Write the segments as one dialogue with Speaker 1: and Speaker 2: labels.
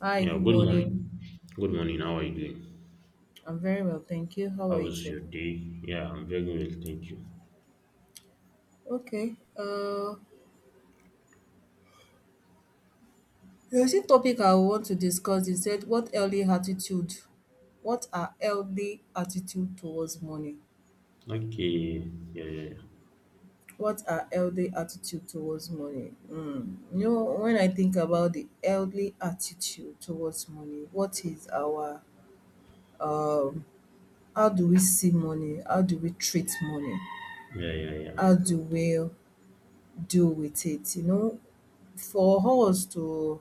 Speaker 1: Hi,
Speaker 2: Yeah,
Speaker 1: good
Speaker 2: good morning.
Speaker 1: morning.
Speaker 2: Good morning. How are you doing?
Speaker 1: I'm very well, thank you. How are
Speaker 2: How
Speaker 1: you
Speaker 2: was
Speaker 1: too?
Speaker 2: your day? Yeah, I'm very well, thank you.
Speaker 1: Okay. The recent topic I want to discuss is that what early attitude, what are healthy attitude towards money?
Speaker 2: Okay. Yeah, yeah,
Speaker 1: What are healthy attitude towards money? Mm. You know, when I think about the healthy attitude towards money, what is our um how do we see money? How do we treat money?
Speaker 2: yeah, yeah,
Speaker 1: How
Speaker 2: yeah.
Speaker 1: do we do with it. You know, for us to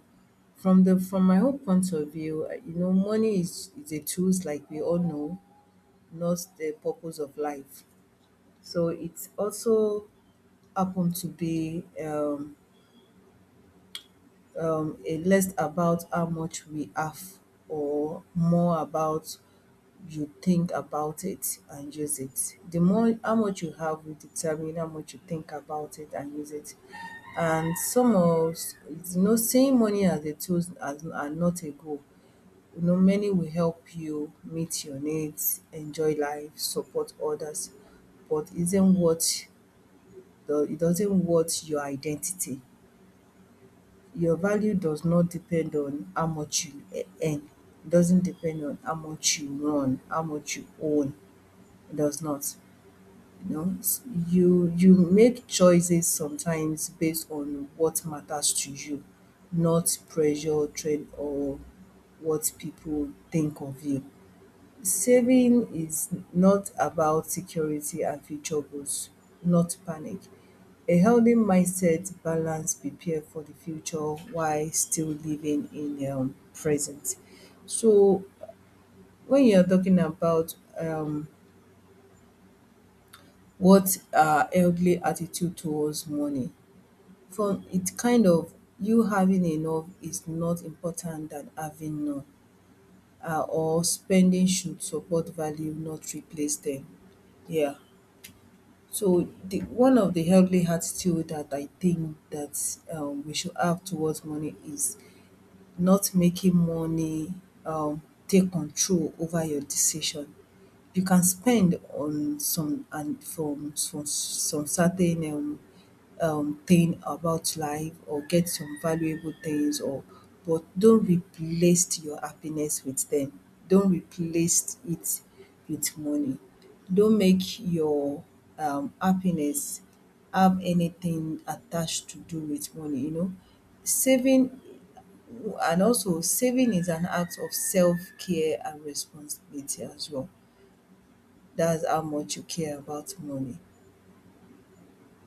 Speaker 1: from my own point of view, you know, money is a tools like we all know, not the purpose of life. So it also happened to be a less about how much we have or more about you think about it and use it. The more how much you have will determine how much you think about it and use it. And some of you know seeing money as a tool as are not a goal. You know, many will help you meet your needs, enjoy life, support others, but isn't what the it doesn't what your identity your value does not depend on how much you earn. It doesn't depend on how much you run, how much you own. It does not. You know, you make choices sometimes based on what matters to you, not pressure, trend, or what people think of you. Saving is not about security and future goals, not panic. A healthy mindset balance prepare for the future while still living in present. So when you're talking about what are healthy attitude towards money, from it kind of you having enough is not important than having none, or spending should support value, not replace them. Yeah. So the one of the healthy attitude that I think that we should have towards money is not making money um take control over your decision you can spend on some and from some certain thing about life or get some valuable things or but don't replace your happiness with them. Don't replace it with money. Don't make your happiness have anything attached to do with money, you know. Saving and also saving is an act of self-care and responsibility as well. That's how much you care about money.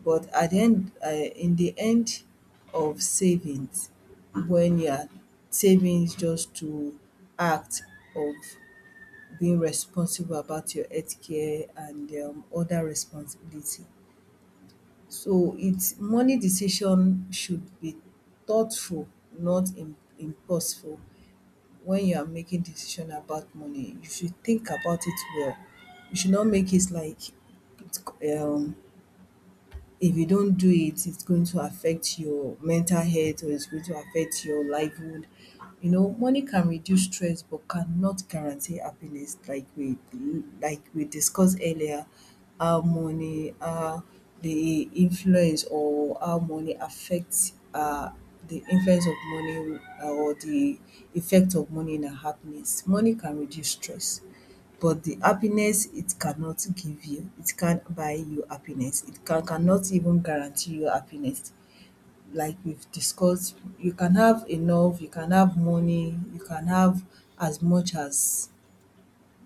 Speaker 1: But at the end, in the end of savings, when you are saving just to act of being responsible about your health care and other responsibility. So it's money decision should be thoughtful, not impulsive. When you are making decision about money, you should think about it well. You should not make it like it's um if you don't do it, it's going to affect your mental health or it's going to affect your livelihood. You know, money can reduce stress but cannot guarantee happiness like we discussed earlier, how money the influence or how money affects the influence of money or the effect of money in our happiness. Money can reduce stress but the happiness it cannot give you, it can't buy you happiness, it cannot even guarantee you happiness. Like we've discussed, you can have enough, you can have money, you can have as much as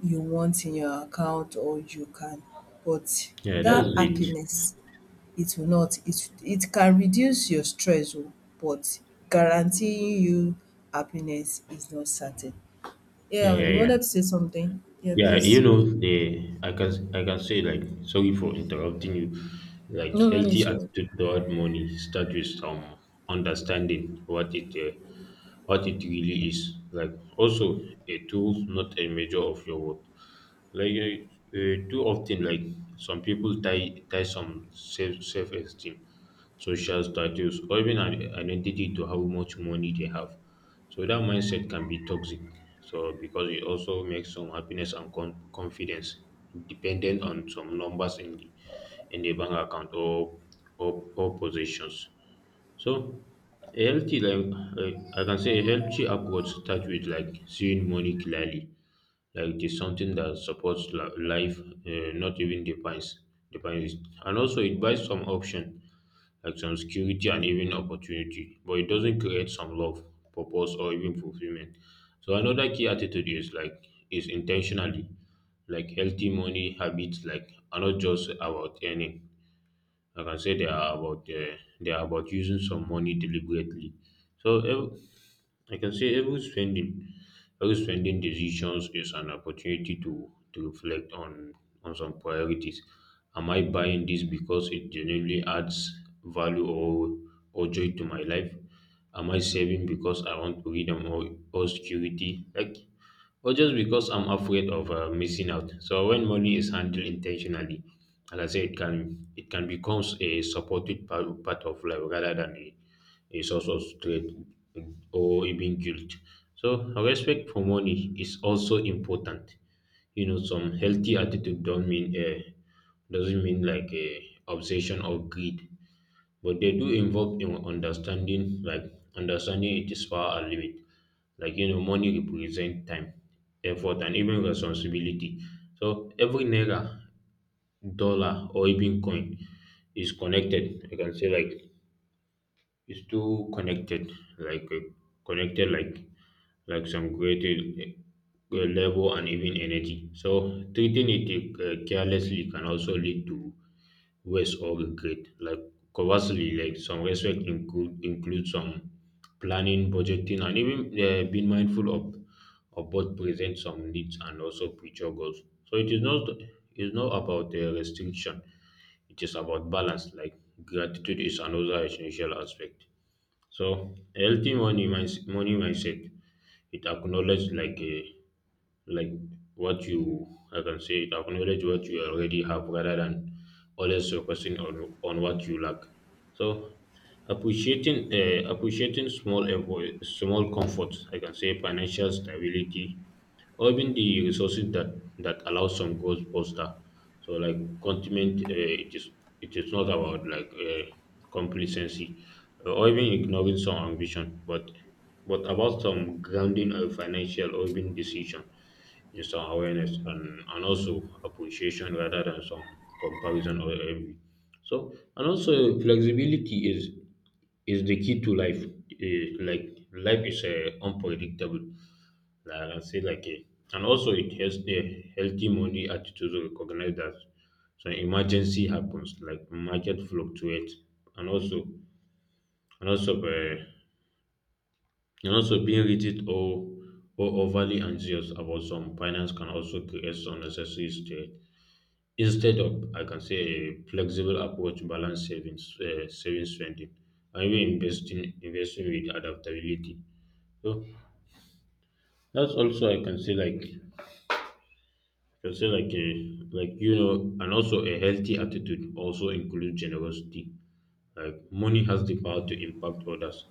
Speaker 1: you want in your account or you can but
Speaker 2: Yeah, yeah, that's
Speaker 1: that
Speaker 2: it.
Speaker 1: happiness it will not it can reduce your stress oh but guaranteeing you happiness is not certain.
Speaker 2: Yeah,
Speaker 1: Yeah,
Speaker 2: yeah,
Speaker 1: you
Speaker 2: yeah.
Speaker 1: wanted to say something? Yeah,
Speaker 2: Yeah,
Speaker 1: please.
Speaker 2: the I can say, like, sorry for interrupting you. Like,
Speaker 1: No, no
Speaker 2: healthy
Speaker 1: it's good.
Speaker 2: attitude toward money start with some understanding what it really is. Like, also a tool, not a measure of your worth. Like, too often, like, some people tie some self esteem, social status, or even an identity to how much money they have, so that mindset can be toxic. So because it also makes some happiness and confidence dependent on some numbers in the bank account, or positions. So a healthy, like, I can say a healthy approach start with, like, seeing money clearly, like it is something that supports life, not even defines it. And also it buys some option, like some security and even opportunity, but it doesn't create some love, purpose, or even fulfillment. So another key attitude is, like, is intentionally, like, healthy money habits, like, are not just about earning. Like, I can say they are about, using some money deliberately. So I can say every spending decisions is an opportunity to reflect on some priorities. Am I buying this because it genuinely adds value, or joy to my life? Am I saving because I want freedom, or security? Like, or just because I'm afraid of, missing out. So when money is handled intentionally, and I say it can, become a supported part, of life rather than a, source of stress or even guilt. So respect for money is also important. You know, some healthy attitude don't mean, doesn't mean like a, obsession or greed, but they do involve in understanding, like, understanding it is power and limit. Like, you know, money represent time, effort, and even responsibility. So every naira, dollar, or even coin is connected. I can say, like, it's too connected, like, connected, like some greater, and even energy. So treating it, carelessly can also lead to waste or regret. Like, conversely, like, some respect include some planning, budgeting, and even, being mindful of both present some needs and also future goals. So it is not, it's not about, restriction. It is about balance. Like, gratitude is another essential aspect. So healthy money mindset, it acknowledges, like, a, like, what you I can say it acknowledge what you already have rather than always focusing on what you lack. So appreciating, small effort, small comforts. I can say financial stability or even the resources that allow some growth foster. So, like, continent, it is, not about, like, complacency or even ignoring some ambition, but about some grounding of financial or even decision in some awareness, and also appreciation rather than some comparison or envy. So and also flexibility is the key to life. Like, life is, unpredictable. Like, I can say, like a, and also it helps a healthy money attitude to recognize that so emergency happens, like market fluctuates, and also, and also uh, being rigid, or overly anxious about some finance can also create some necessary stress. Instead of, I can say, a flexible approach to balance savings, spending, and even investing with adaptability. So that's also, I can say like I can say like a, like, and also a healthy attitude also includes generosity. Like, money has the power to impact others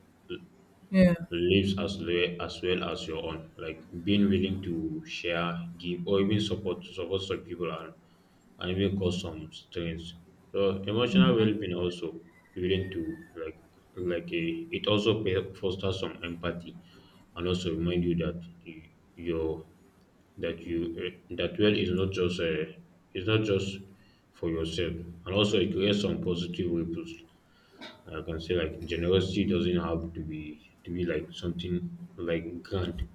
Speaker 1: Yeah,
Speaker 2: lives as well as well as your own. Like, being willing to share, give, or even support some people, and even cause some strains. So emotional well-being also willing to, like, it also fosters some empathy. And also, remind you that you, your, that you, that well is not just, it's not just for yourself. And also, it creates some positive ripples. I can say, like, generosity doesn't have to be like something, like, grand,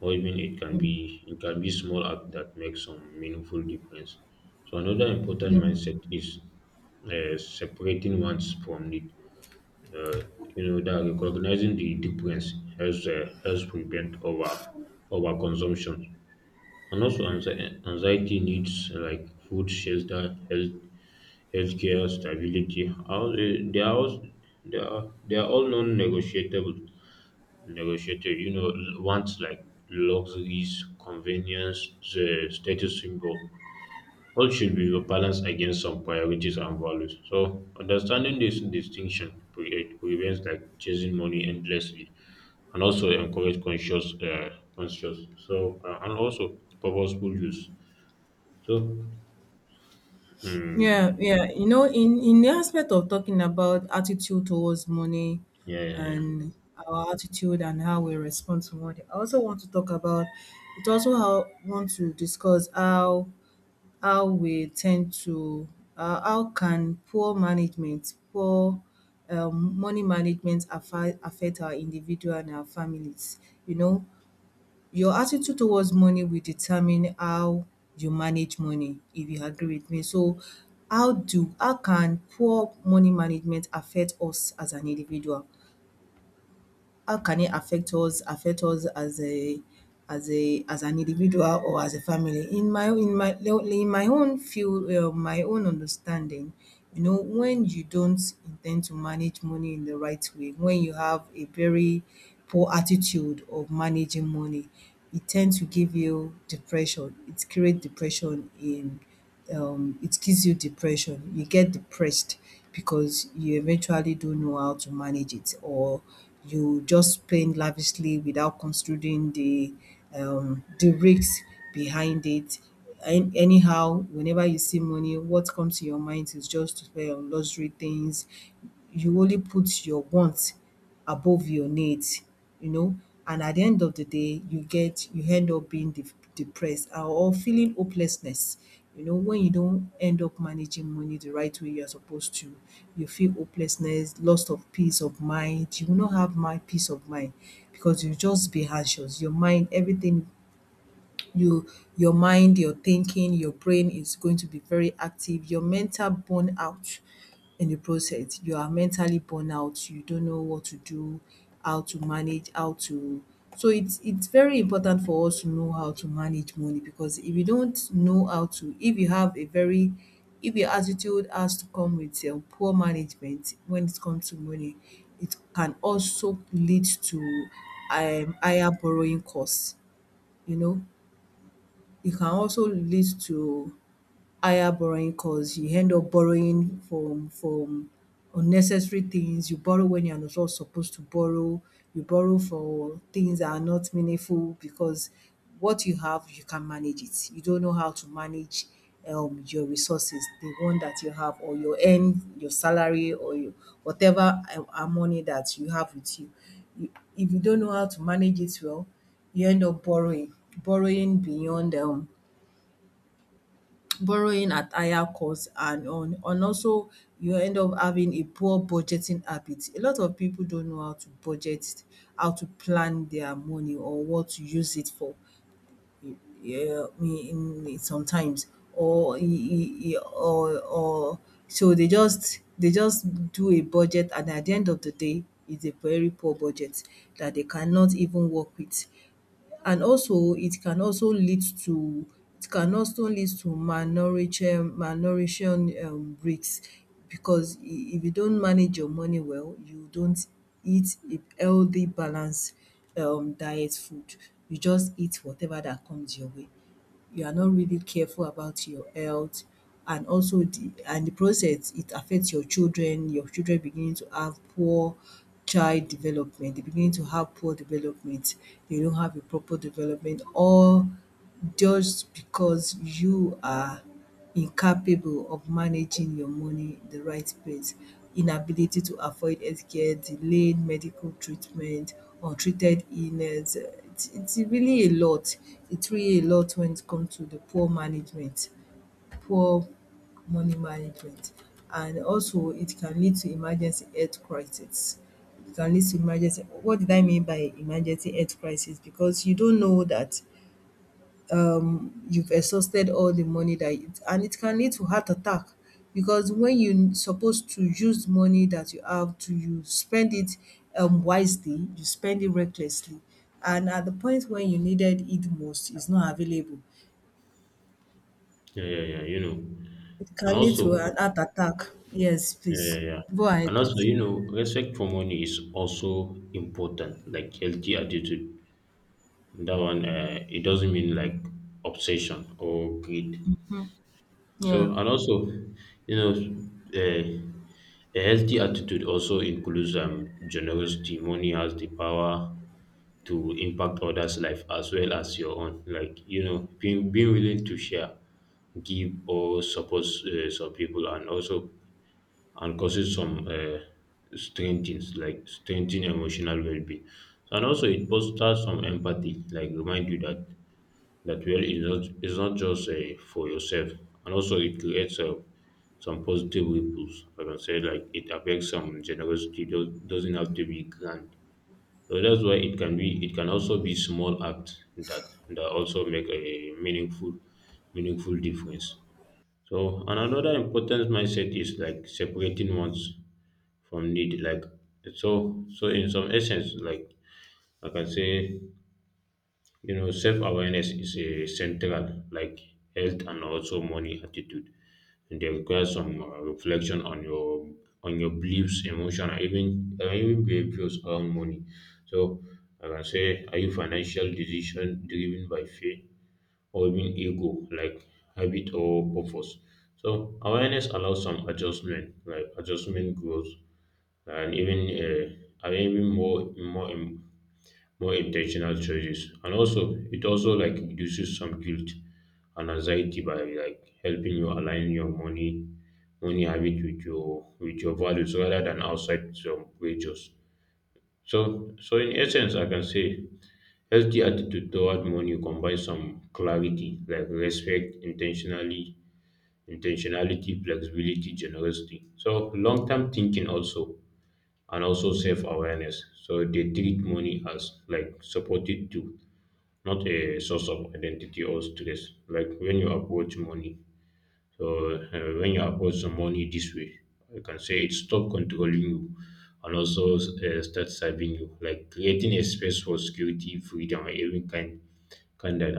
Speaker 2: or even it can be, small act that makes some meaningful difference. So another important mindset is, separating wants from need. Uh, you know that recognizing the difference helps prevent over consumption and also anxiety. Needs like food, shelter, health, healthcare, stability. All they are all, non-negotiable. Negotiated, you know, wants like luxuries, convenience, the status symbol. All should be balanced against some priorities and values. So understanding this distinction it prevents, like, chasing money endlessly, and also encourage conscious, So, and also purposeful use. So,
Speaker 1: yeah,
Speaker 2: mm,
Speaker 1: yeah. You know, in the aspect of talking about attitude towards money
Speaker 2: yeah, yeah, yeah,
Speaker 1: and our attitude and how we respond to money, I also want to talk about it. Also, how want to discuss how we tend to how can poor management, poor money management affect our individual and our families. You know, your attitude towards money will determine how you manage money, if you agree with me. So, how do how can poor money management affect us as an individual? How can it affect us as a as a as an individual or as a family in my in my own field, my own understanding you know when you don't intend to manage money in the right way when you have a very poor attitude of managing money it tends to give you depression it creates depression in it gives you depression. You get depressed because you eventually don't know how to manage it, or you just spend lavishly without considering the risks behind it. And anyhow, whenever you see money, what comes to your mind is just to spend on luxury things. You only put your wants above your needs, you know. And at the end of the day, you get you end up being depressed or feeling hopelessness. You know, when you don't end up managing money the right way you're supposed to, you feel hopelessness, loss of peace of mind. You will not have my peace of mind because you just be anxious. Your mind, everything you your mind, your thinking, your brain is going to be very active. Your mental burnout in the process. You are mentally burnout. You don't know what to do, how to manage, how to so it's very important for us to know how to manage money because if you don't know how to if you have a very if your attitude has to come with poor management when it comes to money, it can also lead to higher borrowing costs, you know. It can also lead to higher borrowing costs. You end up borrowing from unnecessary things. You borrow when you're not supposed to borrow. You borrow for things that are not meaningful because what you have, you can manage it. You don't know how to manage your resources, the one that you have or your earn, your salary or your whatever money that you have with you. You if you don't know how to manage it well, you end up borrowing, borrowing beyond borrowing at higher cost and on and also you end up having a poor budgeting habit. A lot of people don't know how to budget, how to plan their money or what to use it for. Yeah, in sometimes or or so they just do a budget and at the end of the day it's a very poor budget that they cannot even work with and also it can also lead to it can also lead to malnourishe malnourishing risk because if you don't manage your money well, you don't eat a healthy balanced diet food. You just eat whatever that comes your way you are not really careful about your health and also the and the process it affects your children beginning to have poor child development they beginning to have poor development they don't have a proper development all just because you are incapable of managing your money the right place, inability to afford healthcare, delayed medical treatment, untreated illness. It's really a lot. It's really a lot when it comes to the poor management, poor money management. And also, it can lead to emergency health crisis. It can lead to emergency. What did I mean by emergency health crisis? Because you don't know that you've exhausted all the money that it and it can lead to heart attack because when you supposed to use money that you have to you spend it wisely, you spend it recklessly, and at the point when you needed it most, it's not available.
Speaker 2: yeah, yeah, yeah. You know,
Speaker 1: It
Speaker 2: and
Speaker 1: can lead to
Speaker 2: also
Speaker 1: an heart attack. Yes,
Speaker 2: yeah,
Speaker 1: please
Speaker 2: yeah, yeah.
Speaker 1: go ahead,
Speaker 2: And also,
Speaker 1: please.
Speaker 2: you know, respect for money is also important, like healthy attitude. That one, it doesn't mean like, obsession or greed.
Speaker 1: Yeah,
Speaker 2: So, and also, you know, a healthy attitude also includes, generosity. Money has the power to impact others' life as well as your own. Like, you know, being willing to share, give, or support, some people, and also, and causes some, strange things, like strengthening emotional well-being. And also, it fosters some empathy, like remind you that well is not just, for yourself, and also it creates, some positive ripples. I can say, like, it affects some generosity. Doesn't have to be grand. So that's why it can be. It can also be small acts that also make a meaningful difference. So, and another important mindset is, like, separating wants from need. Like, so, in some essence, like, I can say, you know, self awareness is a central, like health and also money attitude, and they require some, reflection on your, beliefs, emotion, and even, behaviors around money. So, I can say, are you financial decision driven by fear, or even ego, like habit or purpose? So awareness allows some adjustment, like adjustment growth, and even, more, more intentional choices. And also, it also, like, reduces some guilt and anxiety by, like, helping you align your money habit with your, values rather than outside some wages. So, in essence, I can say, healthy attitude toward money combines some clarity, like respect, intentionally intentionality, flexibility, generosity. So long term thinking, also, and also self awareness. So they treat money as, like, supported to, not a source of identity or stress. Like, when you approach money, so, when you approach some money this way, you can say it stop controlling you and also, start serving you, like creating a space for security, freedom, and even kind that,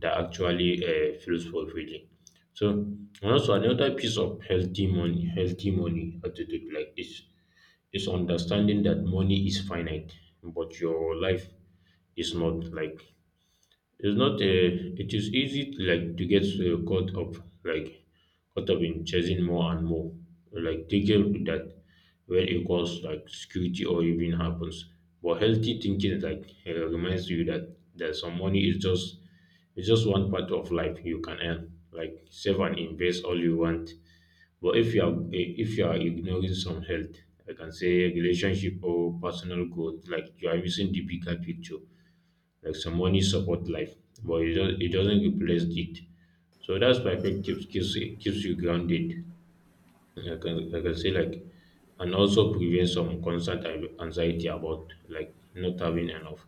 Speaker 2: that actually, feels fulfilling. So and also another piece of healthy money, attitude, like this, is understanding that money is finite, but your life is not. Like, it's not a. It is easy to, like, to get, caught up, like caught up in chasing more and more, like thinking that where equals like security or even happens. But healthy thinking, like, reminds you that some money is just, it's just one part of life. You can earn, like save and invest all you want. But if you are, ignoring some health, I can say relationship or personal growth, like, you are missing the bigger picture. Like, some money support life, but it, just, it doesn't replace it. So that's perspective keeps you grounded. I can say, like, and also prevents some constant anxiety about, like, not having enough.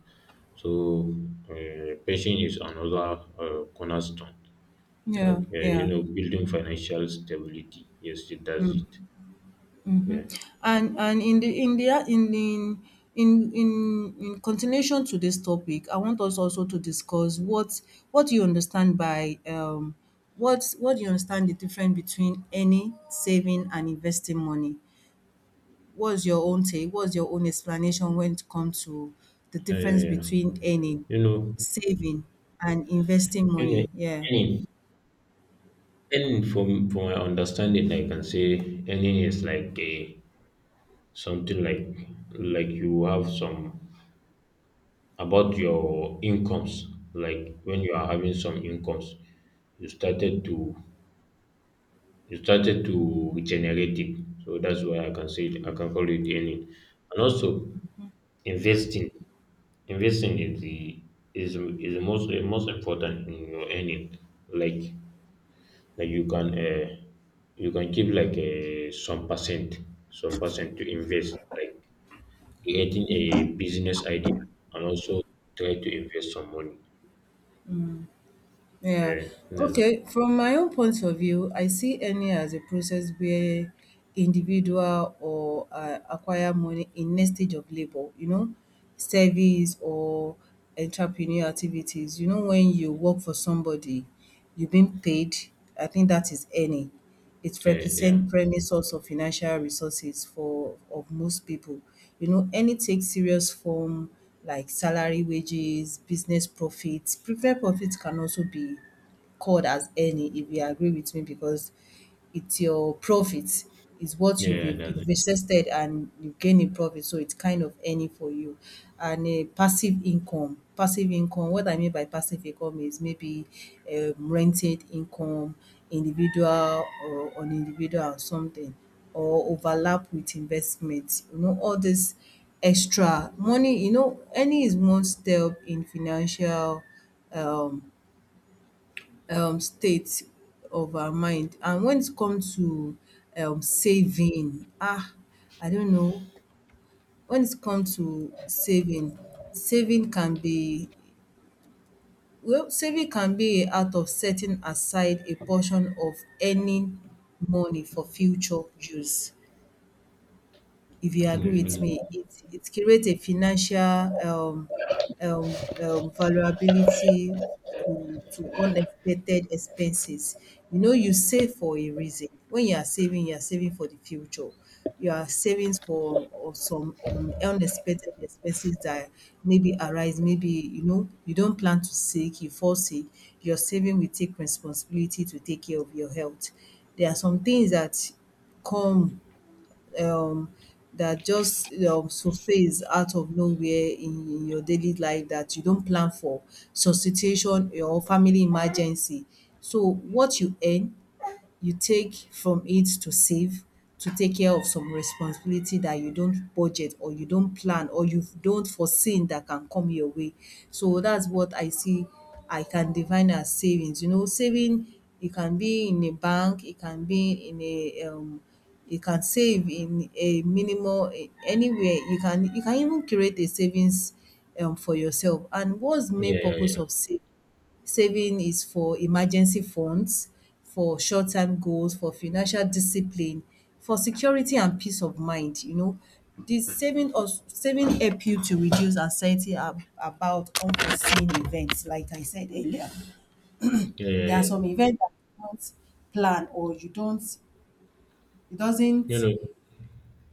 Speaker 2: So, patience is another, cornerstone.
Speaker 1: yeah,
Speaker 2: Like, you
Speaker 1: yeah.
Speaker 2: know, building financial stability. Yes, it does it.
Speaker 1: Mhm.
Speaker 2: Yeah,
Speaker 1: And in the in in continuation to this topic, I want us also to discuss what you understand by what do you understand the difference between any saving and investing money? What's your own take? What's your own explanation when it comes to the
Speaker 2: yeah,
Speaker 1: difference
Speaker 2: yeah, yeah.
Speaker 1: between earning,
Speaker 2: You know,
Speaker 1: saving and investing
Speaker 2: you
Speaker 1: money? Yeah.
Speaker 2: any and from my understanding, I can say earning is like a, something, like, you have some, about your incomes. Like, when you are having some incomes, you started to, generate it. So that's why I can say it, I can call it earning. And also investing. Investing is the, is the most important in your earning. Like, you can, you can keep, like, some percent to invest, like creating a business idea, and also try to invest some money.
Speaker 1: Yeah.
Speaker 2: Yeah, that's,
Speaker 1: Okay. From my own point of view, I see any as a process where individual or acquire money in next stage of labor, you know, service or entrepreneur activities. You know, when you work for somebody, you've been paid. I think that is any it
Speaker 2: yeah, yeah,
Speaker 1: represent primary source of financial resources for of most people. You know, any take serious form like salary, wages, business profits. Preferred profits can also be called as any, if you agree with me, because it's your profit. It's what
Speaker 2: yeah,
Speaker 1: you've
Speaker 2: yeah, that's it.
Speaker 1: invested and you gain in profit, so it's kind of any for you. And a passive income. What I mean by passive income is maybe rented income, individual or on individual or something, or overlap with investment. You know, all this extra money, you know, any is one step in financial um state of our mind. And when it come to saving, I don't know. When it come to saving, saving can be, well, saving can be a act of setting aside a portion of any money for future use. If you agree with me,
Speaker 2: Mhm.
Speaker 1: it creates a financial um, vulnerability to unexpected expenses. You know, you save for a reason. When you are saving for the future. You are savings for or some unexpected expenses that maybe arise. Maybe, you know, you don't plan to sick, you fall sick. Your saving will take responsibility to take care of your health. There are some things that come um that just surface out of nowhere in your daily life that you don't plan for, substitution or family emergency. So what you earn, you take from it to save, to take care of some responsibility that you don't budget or you don't plan or you don't foresee that can come your way. So that's what I see I can define as savings. You know, saving, it can be in a bank, it can be in a you can save in a minimal anywhere. You can even create a savings for yourself. And what's the main
Speaker 2: Yeah,
Speaker 1: purpose
Speaker 2: yeah,
Speaker 1: of saving? Saving is for emergency funds, for short-term goals, for financial discipline, for security and peace of mind, you know. This saving help you to reduce anxiety ab about unforeseen events, like I said earlier.
Speaker 2: yeah, yeah,
Speaker 1: There are
Speaker 2: yeah, yeah.
Speaker 1: some events that you don't plan or you don't, it
Speaker 2: You
Speaker 1: doesn't
Speaker 2: know,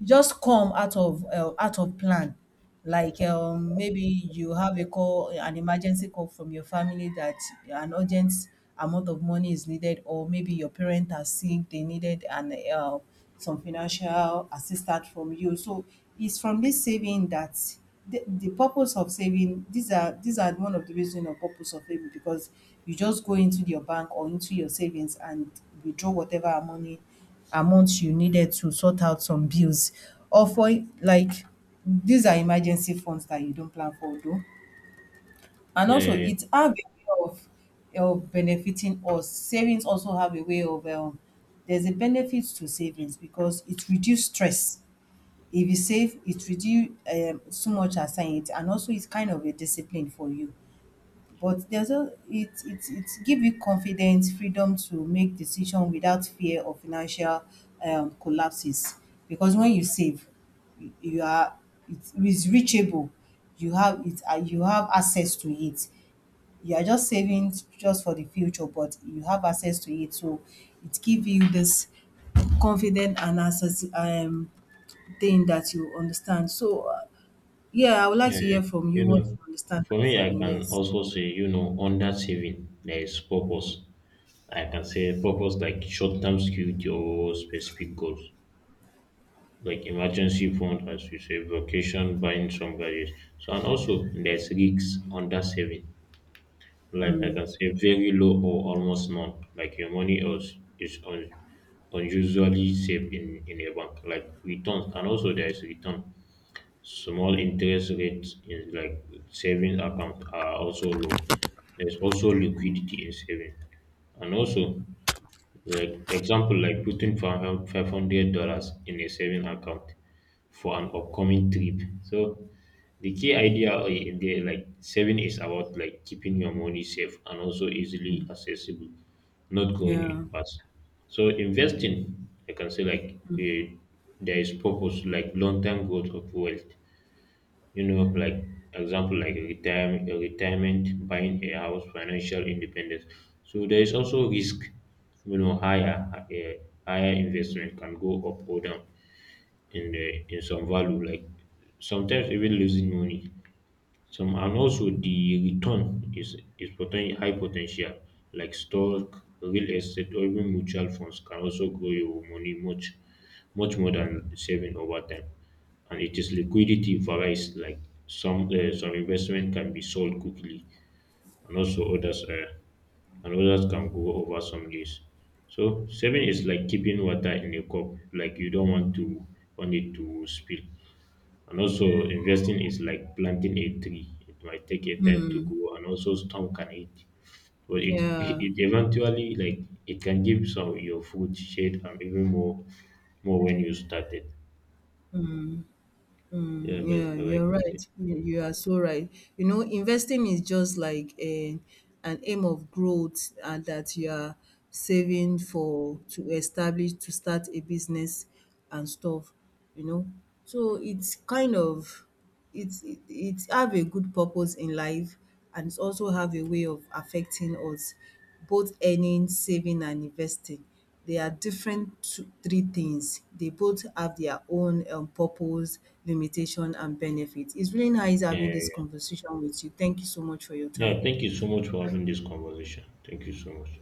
Speaker 1: e just come out of plan. Like, maybe you have a call, an emergency call from your family that an urgent amount of money is needed, or maybe your parent are sick, they needed an some financial assistance from you. So it's from this saving that the purpose of saving, these are one of the reason or purpose of saving, because you just go into your bank or into your savings and withdraw whatever money amount you needed to sort out some bills or for, like, these are emergency funds that you don't plan for though. And
Speaker 2: yeah,
Speaker 1: also
Speaker 2: yeah,
Speaker 1: it have a way of benefiting us. Savings also have a way of there's a benefit to savings because it reduce stress. If you save, it reduce so much as it, and also it's kind of a discipline for you. But there's a it give you confidence, freedom to make decision without fear of financial collapses. Because when you save, you are, it is reachable. You have it. You have access to it. You are just saving just for the future, but you have access to it. So it give you this confident and access thing that you understand. So, yeah, I would
Speaker 2: yeah,
Speaker 1: like
Speaker 2: yeah,
Speaker 1: to hear
Speaker 2: yeah.
Speaker 1: from you
Speaker 2: You
Speaker 1: what
Speaker 2: know,
Speaker 1: you understand by
Speaker 2: for me, I
Speaker 1: saving.
Speaker 2: can
Speaker 1: Yes.
Speaker 2: also say, you know, under saving there is purpose. I can say purpose like short term security or specific goals, like emergency fund, as you say, vacation, buying some gadgets. So and also there's risks under saving. Like, I can say, very low or almost none. Like your money else is unusually safe in a bank. Like returns, and also there is return. Small interest rates in, like, savings account, are also low. There's also liquidity in saving. And also, like, example, like putting $500 in a saving account for an upcoming trip. So the key idea in there, like saving, is about, like, keeping your money safe and also easily accessible, not going
Speaker 1: Yeah.
Speaker 2: it fast. So investing, I can say, like, there is purpose, like long term growth of wealth. You know, like, example, like retirement, buying a house, financial independence. So there is also risk. You know, higher investment can go up or down in some value, like, sometimes even losing money. Some, and also the return is high potential, like stock, real estate, or even mutual funds can also grow your money much more than saving over time. And it is liquidity varies, like some investment can be sold quickly, and also others can go over some days. So saving is like keeping water in a cup, like, you don't want it to spill. And also, investing is like planting a tree. It might take a time to grow, and also storm can hit. But
Speaker 1: Yeah.
Speaker 2: it eventually, like, it can give some your food, shade, and even more when you started.
Speaker 1: Mm,
Speaker 2: Yeah, that's
Speaker 1: yeah,
Speaker 2: all I
Speaker 1: you're
Speaker 2: can say.
Speaker 1: right. You are so right. You know, investing is just like a, an aim of growth and that you are saving for to establish to start a business and stuff, you know. So it's kind of, it have a good purpose in life, and it's also have a way of affecting us, both earning, saving and investing. They are different two, three things. They both have their own purpose, limitation and benefit. It's really nice
Speaker 2: Yeah,
Speaker 1: having this
Speaker 2: yeah, yeah.
Speaker 1: conversation with you. Thank you so much for your time.
Speaker 2: Yeah, thank you so much for having this conversation. Thank you so much.